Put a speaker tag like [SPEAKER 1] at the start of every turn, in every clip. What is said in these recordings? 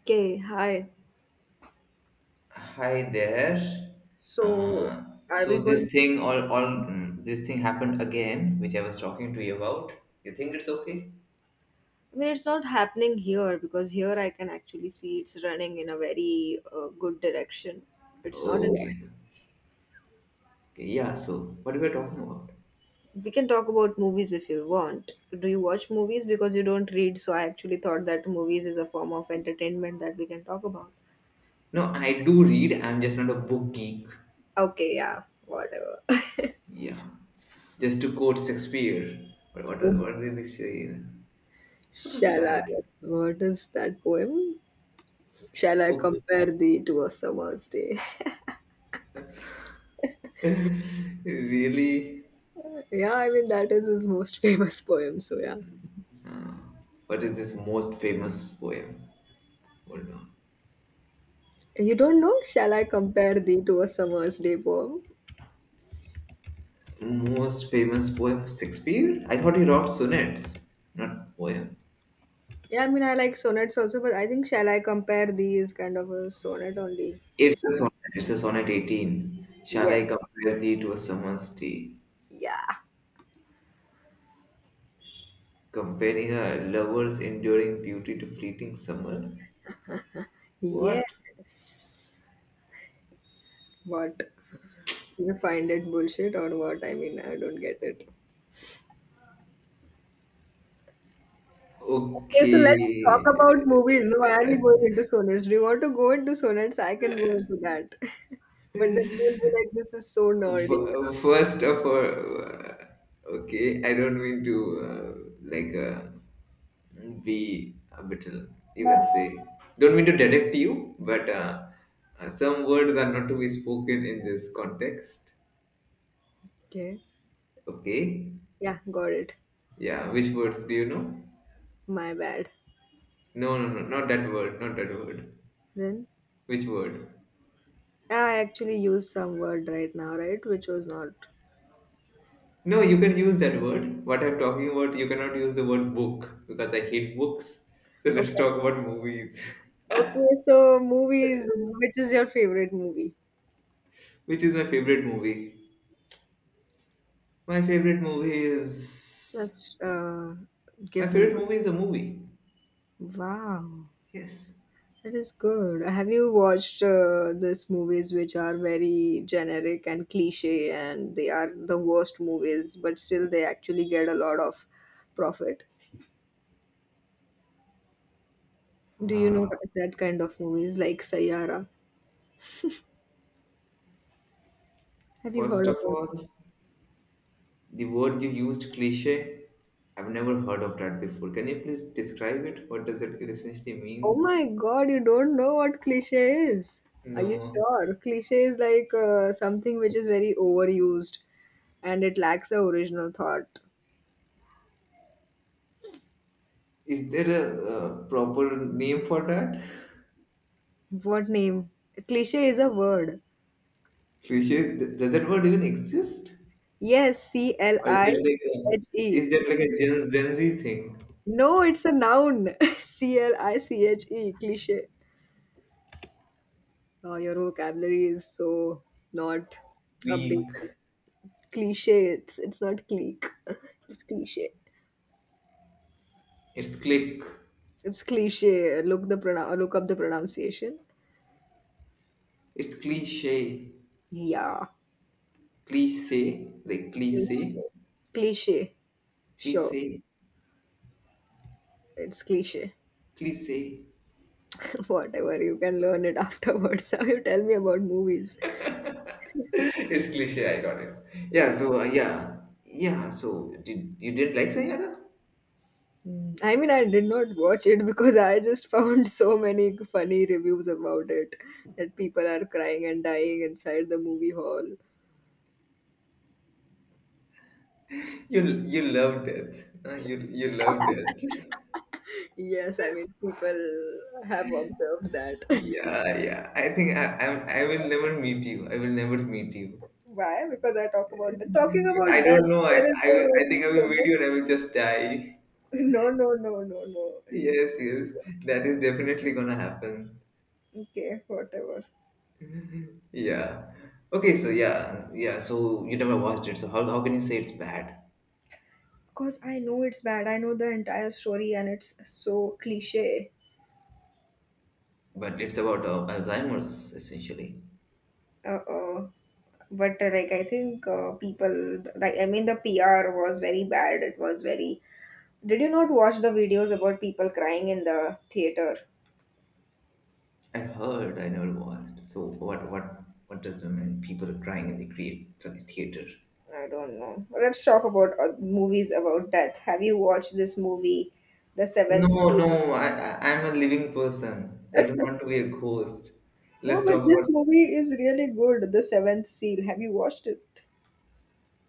[SPEAKER 1] Okay, hi.
[SPEAKER 2] Hi there.
[SPEAKER 1] So,
[SPEAKER 2] Uh,
[SPEAKER 1] are
[SPEAKER 2] so
[SPEAKER 1] we
[SPEAKER 2] this
[SPEAKER 1] going to?
[SPEAKER 2] thing this thing happened again, which I was talking to you about. You think it's okay?
[SPEAKER 1] I mean, it's not happening here because here I can actually see it's running in a very good direction. It's not
[SPEAKER 2] Oh,
[SPEAKER 1] in.
[SPEAKER 2] okay. Okay. Yeah. So what were we talking about?
[SPEAKER 1] We can talk about movies if you want. Do you watch movies? Because you don't read, so I actually thought that movies is a form of entertainment that we can talk about.
[SPEAKER 2] No, I do read. I'm just not a book geek.
[SPEAKER 1] Okay, yeah, whatever.
[SPEAKER 2] Yeah. Just to quote Shakespeare. What did he say? What was
[SPEAKER 1] Shall I?
[SPEAKER 2] that?
[SPEAKER 1] What is that poem? Shall I
[SPEAKER 2] Oh,
[SPEAKER 1] compare thee to a summer's day?
[SPEAKER 2] really?
[SPEAKER 1] Yeah, I mean, that is his most famous poem, so yeah.
[SPEAKER 2] Uh, what is this most famous poem? Hold on.
[SPEAKER 1] You don't know? Shall I compare thee to a summer's day poem?
[SPEAKER 2] Most famous poem, of Shakespeare? I thought he wrote sonnets, not poem.
[SPEAKER 1] Yeah, I mean, I like sonnets also, but I think Shall I compare thee is kind of a sonnet only. It's
[SPEAKER 2] It's a sonnet 18. Shall
[SPEAKER 1] yes,
[SPEAKER 2] I compare thee to a summer's day?
[SPEAKER 1] yeah,
[SPEAKER 2] Comparing a lover's enduring beauty to fleeting summer? What?
[SPEAKER 1] yes. What you find it bullshit or what? I mean, I don't get it. Okay, so
[SPEAKER 2] Okay.
[SPEAKER 1] let's talk about movies. Why are we going into sonnets? Do you want to go into sonnets? I can go into that, but then you'll be like, this is so nerdy.
[SPEAKER 2] First of all, okay, I don't mean to uh, like be a little, you can say, don't mean to direct you, but some words are not to be spoken in this context.
[SPEAKER 1] Okay,
[SPEAKER 2] Okay,
[SPEAKER 1] yeah, got it.
[SPEAKER 2] yeah, which words do you know?
[SPEAKER 1] My bad.
[SPEAKER 2] No, no, no, not that word, not that word.
[SPEAKER 1] Then.
[SPEAKER 2] Which word?
[SPEAKER 1] I actually used some word right now, right? Which was not.
[SPEAKER 2] No, you can use that word. What I'm talking about, you cannot use the word book because I hate books. So
[SPEAKER 1] Okay.
[SPEAKER 2] let's talk about movies.
[SPEAKER 1] Okay, so movies, which is your favorite movie?
[SPEAKER 2] Which is my favorite movie? My favorite movie is
[SPEAKER 1] Just
[SPEAKER 2] my
[SPEAKER 1] give me
[SPEAKER 2] favorite
[SPEAKER 1] one.
[SPEAKER 2] movie is a movie.
[SPEAKER 1] Wow,
[SPEAKER 2] Yes.
[SPEAKER 1] that is good. Have you watched these movies which are very generic and cliche and they are the worst movies, but still they actually get a lot of profit? Do you
[SPEAKER 2] Uh,
[SPEAKER 1] know that kind of movies like Sayara? Have you
[SPEAKER 2] First
[SPEAKER 1] heard
[SPEAKER 2] of
[SPEAKER 1] about
[SPEAKER 2] all, the word you used, cliche. I've never heard of that before. Can you please describe it? What does it essentially
[SPEAKER 1] Oh
[SPEAKER 2] means?
[SPEAKER 1] my God, you don't know what cliche is. Are you
[SPEAKER 2] No.
[SPEAKER 1] sure? Cliche is like something which is very overused and it lacks the original thought.
[SPEAKER 2] Is there a, proper name for that?
[SPEAKER 1] What name? Cliche is a word.
[SPEAKER 2] Cliche. Does that word even exist?
[SPEAKER 1] Yes, C L
[SPEAKER 2] Or is
[SPEAKER 1] I
[SPEAKER 2] it like
[SPEAKER 1] C
[SPEAKER 2] a,
[SPEAKER 1] H
[SPEAKER 2] is
[SPEAKER 1] E.
[SPEAKER 2] that like a Gen Z thing?
[SPEAKER 1] No, it's a noun. cliche, cliche. Oh, your vocabulary is so not
[SPEAKER 2] Weak.
[SPEAKER 1] updated. Cliche, it's not clique, it's cliche.
[SPEAKER 2] It's click.
[SPEAKER 1] It's cliche. Look the pronoun. Look up the pronunciation.
[SPEAKER 2] It's cliche.
[SPEAKER 1] Yeah,
[SPEAKER 2] Cliche. Like cliche.
[SPEAKER 1] cliche. Cliche. Sure,
[SPEAKER 2] Cliche,
[SPEAKER 1] it's cliche.
[SPEAKER 2] cliche.
[SPEAKER 1] Whatever you can learn it afterwards. Now you tell me about movies.
[SPEAKER 2] It's cliche, I got it.
[SPEAKER 1] Yeah.
[SPEAKER 2] Yeah, so yeah. So did you didn't like Sayana?
[SPEAKER 1] Mm. I mean, I did not watch it because I just found so many funny reviews about it that people are crying and dying inside the movie hall.
[SPEAKER 2] You you love death. You love death.
[SPEAKER 1] Yes, I mean, people have observed that.
[SPEAKER 2] Yeah, yeah. I think I will never meet you. I will never meet you.
[SPEAKER 1] Why? Because I talk about that. Talking
[SPEAKER 2] I
[SPEAKER 1] about
[SPEAKER 2] don't
[SPEAKER 1] that,
[SPEAKER 2] know.
[SPEAKER 1] there is
[SPEAKER 2] I will, I think I will meet
[SPEAKER 1] a
[SPEAKER 2] you and I will just die.
[SPEAKER 1] no, no, no, no, no. It's
[SPEAKER 2] Yes, yes. That is definitely gonna happen.
[SPEAKER 1] okay, whatever.
[SPEAKER 2] Yeah. Okay. So yeah, yeah. So you never watched it. So how can you say it's bad?
[SPEAKER 1] Because I know it's bad. I know the entire story and it's so cliche.
[SPEAKER 2] But it's about Alzheimer's essentially.
[SPEAKER 1] Uh, uh, but like I think people, like I mean, the PR was very bad. It was very. Did you not watch the videos about people crying in the theater?
[SPEAKER 2] I heard, I never watched. So what what does the mean? People are crying in the create sorry, theater.
[SPEAKER 1] I don't know. Let's talk about movies about death. Have you watched this movie, The Seventh
[SPEAKER 2] No,
[SPEAKER 1] Seal?
[SPEAKER 2] no, I'm a living person. I do not want to be a ghost.
[SPEAKER 1] No,
[SPEAKER 2] Let's talk
[SPEAKER 1] but this
[SPEAKER 2] about
[SPEAKER 1] movie is really good. The Seventh Seal. Have you watched it?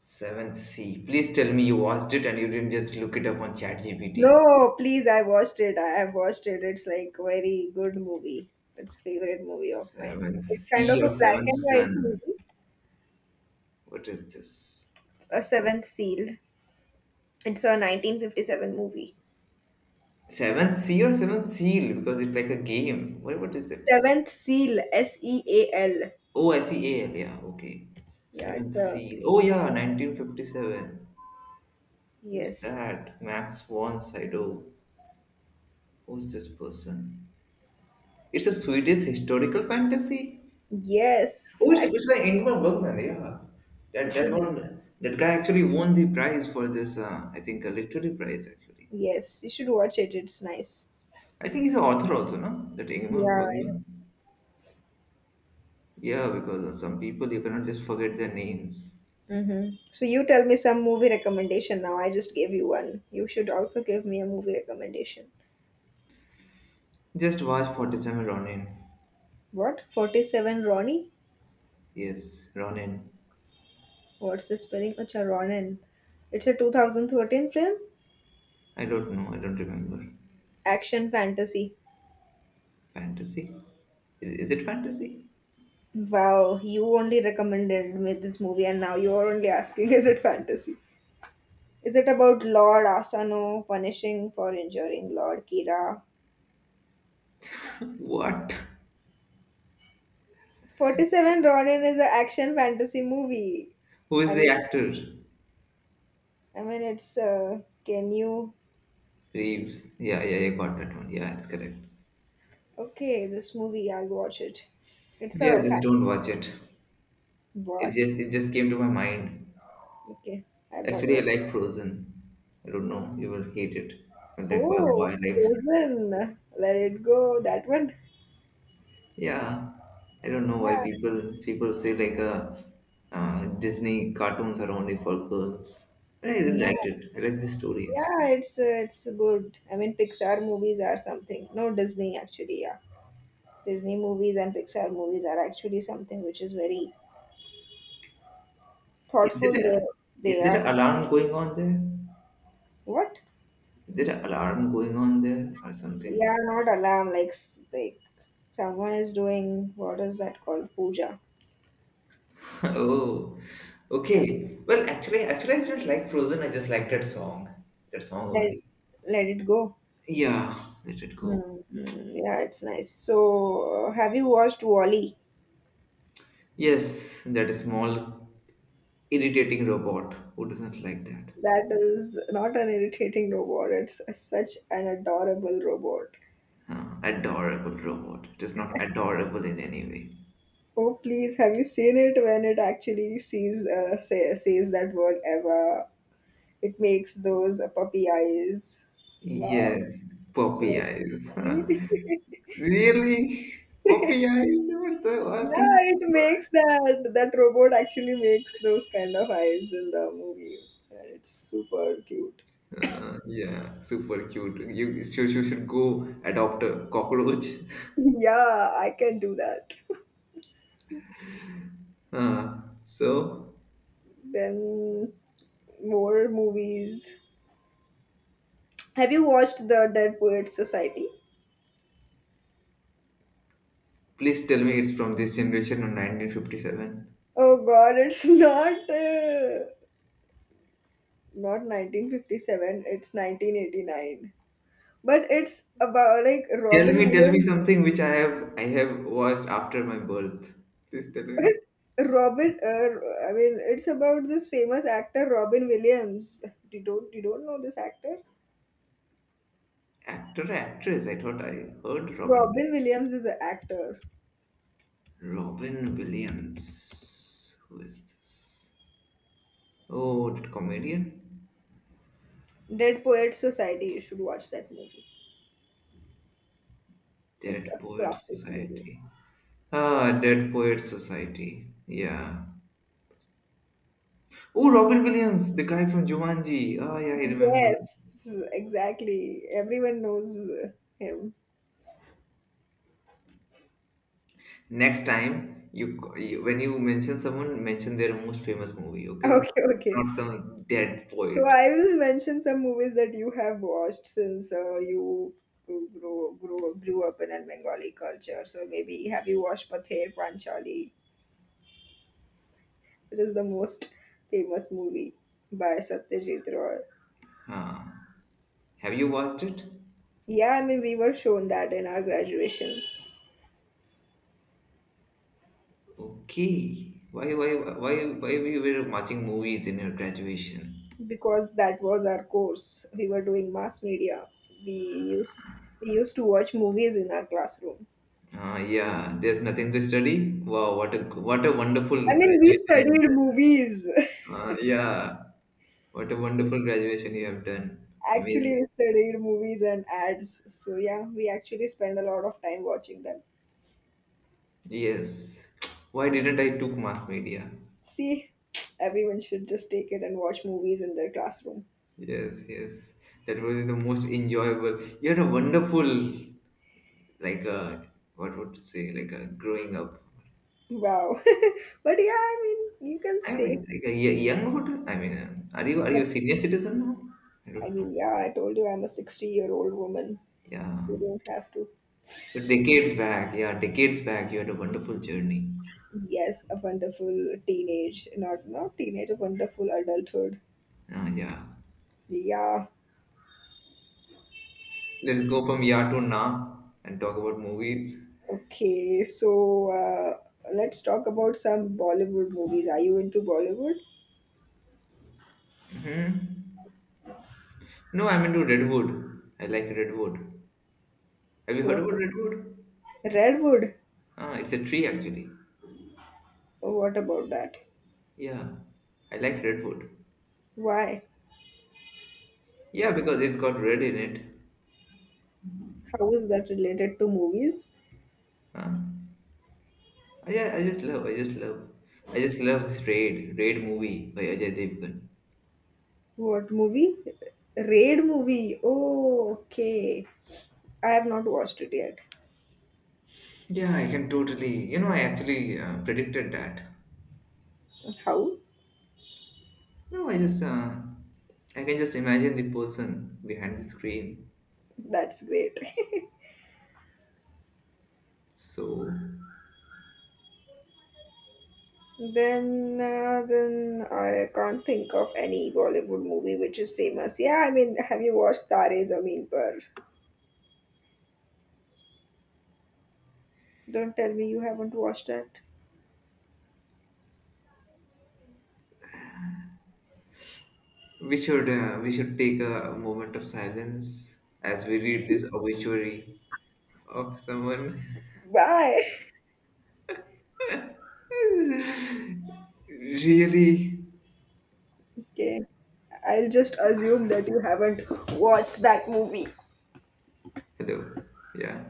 [SPEAKER 2] Seventh C. Please tell me you watched it and you didn't just look it up on ChatGPT.
[SPEAKER 1] No, please, I watched it. I have watched it. It's like very good movie. It's favorite movie of mine.
[SPEAKER 2] Seventh
[SPEAKER 1] It's kind of
[SPEAKER 2] C
[SPEAKER 1] a
[SPEAKER 2] or
[SPEAKER 1] black
[SPEAKER 2] Seventh
[SPEAKER 1] and white
[SPEAKER 2] Sun.
[SPEAKER 1] movie.
[SPEAKER 2] What is this?
[SPEAKER 1] A Seventh Seal. It's a 1957 movie.
[SPEAKER 2] Seventh C or Seventh Seal because it's like a game. What is it?
[SPEAKER 1] Seventh Seal, S E A L.
[SPEAKER 2] Oh, SEAL, yeah, okay.
[SPEAKER 1] Yeah, it's
[SPEAKER 2] Seventh
[SPEAKER 1] a
[SPEAKER 2] C. Oh, yeah, 1957. Who's
[SPEAKER 1] yes,
[SPEAKER 2] that? Max von Sydow. Who's this person? It's a Swedish historical fantasy.
[SPEAKER 1] yes.
[SPEAKER 2] Oh,
[SPEAKER 1] I,
[SPEAKER 2] it's by Ingmar Bergman, yeah.
[SPEAKER 1] you should
[SPEAKER 2] That guy actually won the prize for this. I think a literary prize actually.
[SPEAKER 1] yes, you should watch it. It's nice.
[SPEAKER 2] I think he's an author also, no? That Ingmar
[SPEAKER 1] Yeah.
[SPEAKER 2] Bergman. Yeah, because of some people you cannot just forget their names.
[SPEAKER 1] Mm-hmm. So you tell me some movie recommendation now. I just gave you one. You should also give me a movie recommendation.
[SPEAKER 2] Just watch 47 Ronin.
[SPEAKER 1] What? 47 Ronnie?
[SPEAKER 2] Yes, Ronin.
[SPEAKER 1] What's the spelling? Acha, Ronin. It's a 2013 film,
[SPEAKER 2] I don't know. I don't remember.
[SPEAKER 1] action fantasy.
[SPEAKER 2] Fantasy? Is it fantasy?
[SPEAKER 1] Wow, you only recommended me this movie, and now you're only asking, is it fantasy? Is it about Lord Asano punishing for injuring Lord Kira?
[SPEAKER 2] What?
[SPEAKER 1] 47 Ronin is an action fantasy movie.
[SPEAKER 2] Who is
[SPEAKER 1] I
[SPEAKER 2] the
[SPEAKER 1] mean,
[SPEAKER 2] actor?
[SPEAKER 1] I mean, it's can you?
[SPEAKER 2] Reeves. Yeah, yeah, yeah, got that one. Yeah, it's correct.
[SPEAKER 1] Okay, this movie, I'll watch it. It's
[SPEAKER 2] Yeah,
[SPEAKER 1] a fan.
[SPEAKER 2] just don't watch it.
[SPEAKER 1] What?
[SPEAKER 2] It just came to my mind.
[SPEAKER 1] Okay, I'll not
[SPEAKER 2] Actually, I
[SPEAKER 1] watch it.
[SPEAKER 2] like Frozen. I don't know. You will hate it. But like, why
[SPEAKER 1] Oh,
[SPEAKER 2] why likes Frozen?
[SPEAKER 1] Frozen. Let it go. That one.
[SPEAKER 2] Yeah, I don't know why
[SPEAKER 1] Yeah.
[SPEAKER 2] people say like Disney cartoons are only for girls. But I really liked
[SPEAKER 1] No.
[SPEAKER 2] it. I like the story actually.
[SPEAKER 1] Yeah, it's it's good. I mean, Pixar movies are something. No, Disney actually. Yeah, Disney movies and Pixar movies are actually something which is very
[SPEAKER 2] Is
[SPEAKER 1] thoughtful.
[SPEAKER 2] there a
[SPEAKER 1] They
[SPEAKER 2] is there
[SPEAKER 1] are
[SPEAKER 2] an alarm going on there?
[SPEAKER 1] what?
[SPEAKER 2] Is there an alarm going on there or
[SPEAKER 1] Yeah,
[SPEAKER 2] something?
[SPEAKER 1] not alarm. Someone is doing what is that called? Puja.
[SPEAKER 2] Oh,
[SPEAKER 1] Yeah.
[SPEAKER 2] okay. Well, actually, I didn't like Frozen. I just liked that song. That song
[SPEAKER 1] Let
[SPEAKER 2] only.
[SPEAKER 1] let it go.
[SPEAKER 2] Yeah, let it
[SPEAKER 1] Hmm.
[SPEAKER 2] go.
[SPEAKER 1] Hmm, yeah, it's nice. So, have you watched Wally?
[SPEAKER 2] Yes, that small, irritating robot. Who doesn't like that?
[SPEAKER 1] That is not an irritating robot, it's such an adorable robot.
[SPEAKER 2] Huh, adorable robot. It is not adorable in any way.
[SPEAKER 1] Oh, please, have you seen it when it actually sees, says that word ever? It makes those puppy eyes. Wow.
[SPEAKER 2] Yes,
[SPEAKER 1] So,
[SPEAKER 2] poppy eyes.
[SPEAKER 1] see?
[SPEAKER 2] really?
[SPEAKER 1] Yeah,
[SPEAKER 2] Poppy eyes? What the? What is?
[SPEAKER 1] it makes that. That robot actually makes those kind of eyes in the movie. Yeah, it's super cute.
[SPEAKER 2] Yeah, super cute. You should go adopt a cockroach.
[SPEAKER 1] Yeah, I can do that.
[SPEAKER 2] Uh, so,
[SPEAKER 1] Then, more movies. Have you watched the Dead Poets Society?
[SPEAKER 2] please tell me it's from this generation of 1957.
[SPEAKER 1] Oh God, it's not 1957. It's 1989. But it's about like Robin
[SPEAKER 2] Tell me
[SPEAKER 1] Williams.
[SPEAKER 2] something which I have watched after my birth. Please tell me.
[SPEAKER 1] I mean, it's about this famous actor Robin Williams. You don't know this actor?
[SPEAKER 2] Actor, or actress. I thought I heard Robin.
[SPEAKER 1] Robin Williams is an actor.
[SPEAKER 2] Williams. Robin Williams. Who is this? Oh, that comedian.
[SPEAKER 1] Dead Poets Society. You should watch that movie. It's
[SPEAKER 2] Dead
[SPEAKER 1] a
[SPEAKER 2] Poets
[SPEAKER 1] classic movie.
[SPEAKER 2] Society. Ah, Dead Poets Society. Yeah. Oh, Robin Williams, the guy from Jumanji. Oh, yeah, I remember.
[SPEAKER 1] Yes, exactly. Everyone knows him.
[SPEAKER 2] Next time, you when you mention someone, mention their most famous movie, okay?
[SPEAKER 1] Okay, okay.
[SPEAKER 2] Not some dead
[SPEAKER 1] So
[SPEAKER 2] poet.
[SPEAKER 1] I will mention some movies that you have watched since you grew up in a Bengali culture. So maybe have you watched Pather Panchali? It is the most famous movie by Satyajit Roy.
[SPEAKER 2] Huh. Have you watched it?
[SPEAKER 1] Yeah, I mean, we were shown that in our graduation
[SPEAKER 2] Okay. Why why we were watching movies in your graduation?
[SPEAKER 1] because that was our course. We were doing mass media. We used we used to watch movies in our classroom.
[SPEAKER 2] Yeah, there's nothing to study. Wow, what a wonderful
[SPEAKER 1] I mean, we
[SPEAKER 2] graduation you have
[SPEAKER 1] studied
[SPEAKER 2] done.
[SPEAKER 1] movies.
[SPEAKER 2] Yeah, what a wonderful graduation you have done.
[SPEAKER 1] Actually
[SPEAKER 2] Amazing.
[SPEAKER 1] we studied movies and ads. So yeah, we actually spend a lot of time watching them.
[SPEAKER 2] Yes. Why didn't I took mass media?
[SPEAKER 1] See, everyone should just take it and watch movies in their classroom.
[SPEAKER 2] Yes, yes. That was the most enjoyable. You had a wonderful, like a what would you say, like a growing up.
[SPEAKER 1] Wow. But yeah, I mean, you can
[SPEAKER 2] I mean,
[SPEAKER 1] say.
[SPEAKER 2] like a younghood. I mean, are
[SPEAKER 1] But
[SPEAKER 2] you a senior citizen now? I
[SPEAKER 1] I
[SPEAKER 2] don't know.
[SPEAKER 1] mean, yeah, I told you I'm a 60-year-old year old woman.
[SPEAKER 2] Yeah.
[SPEAKER 1] You don't have to.
[SPEAKER 2] So decades back, yeah, decades back, you had a wonderful journey.
[SPEAKER 1] Yes, a wonderful teenage, not teenage, a wonderful adulthood.
[SPEAKER 2] Ah, yeah.
[SPEAKER 1] Yeah.
[SPEAKER 2] Let's go from ya to na and talk about movies.
[SPEAKER 1] Okay. So let's talk about some Bollywood movies. Are you into Bollywood?
[SPEAKER 2] No, I'm into Redwood. I like Redwood. Have you heard
[SPEAKER 1] What?
[SPEAKER 2] about Redwood?
[SPEAKER 1] Redwood?
[SPEAKER 2] Ah, it's a tree actually.
[SPEAKER 1] What about that?
[SPEAKER 2] Yeah, I like redwood.
[SPEAKER 1] Why?
[SPEAKER 2] Yeah, because it's got red in it.
[SPEAKER 1] How is that related to movies?
[SPEAKER 2] Huh? I just love, I just love this Raid movie by Ajay Devgan.
[SPEAKER 1] What movie? Raid movie. Oh, okay. I have not watched it yet.
[SPEAKER 2] Yeah, I can totally, you know, I actually predicted that.
[SPEAKER 1] How?
[SPEAKER 2] No, I just, I can just imagine the person behind the screen.
[SPEAKER 1] That's great.
[SPEAKER 2] So
[SPEAKER 1] Then, then I can't think of any Bollywood movie which is famous. Yeah, I mean, have you watched Tare Zameen Par? Don't tell me you haven't watched that.
[SPEAKER 2] we should take a moment of silence as we read this obituary of someone.
[SPEAKER 1] Why?
[SPEAKER 2] Really?
[SPEAKER 1] Okay. I'll just assume that you haven't watched that movie.
[SPEAKER 2] Hello. Yeah.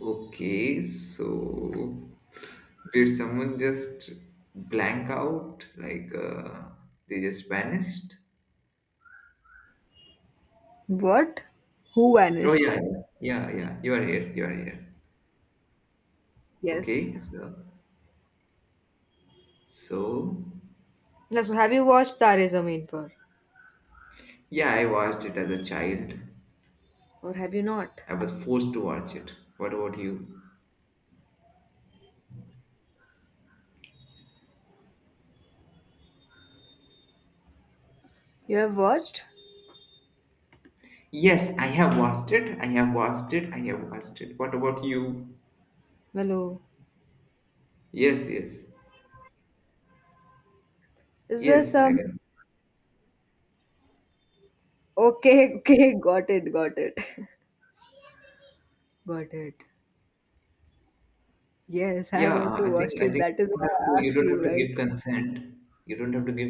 [SPEAKER 2] Okay, so did someone just blank out? Like they just vanished?
[SPEAKER 1] What? Who
[SPEAKER 2] Oh
[SPEAKER 1] vanished?
[SPEAKER 2] yeah, yeah, yeah. yeah. You are here. You are here.
[SPEAKER 1] Yes.
[SPEAKER 2] Okay, so
[SPEAKER 1] Now, so have you watched Tare Zameen Par?
[SPEAKER 2] yeah, I watched it as a child.
[SPEAKER 1] Or have you not?
[SPEAKER 2] I was forced to watch it. What about you?
[SPEAKER 1] You have watched?
[SPEAKER 2] Yes, I have watched it. I have watched it. I have watched it. What about you?
[SPEAKER 1] Hello.
[SPEAKER 2] Yes, yes.
[SPEAKER 1] Is there
[SPEAKER 2] Yes, I
[SPEAKER 1] some...
[SPEAKER 2] can.
[SPEAKER 1] Okay, okay, got it, got it. Got it. Yes, I
[SPEAKER 2] Yeah,
[SPEAKER 1] have also watched
[SPEAKER 2] I
[SPEAKER 1] it.
[SPEAKER 2] think
[SPEAKER 1] That is why
[SPEAKER 2] you don't have to
[SPEAKER 1] I asked you,
[SPEAKER 2] give
[SPEAKER 1] right?
[SPEAKER 2] consent. You don't have to give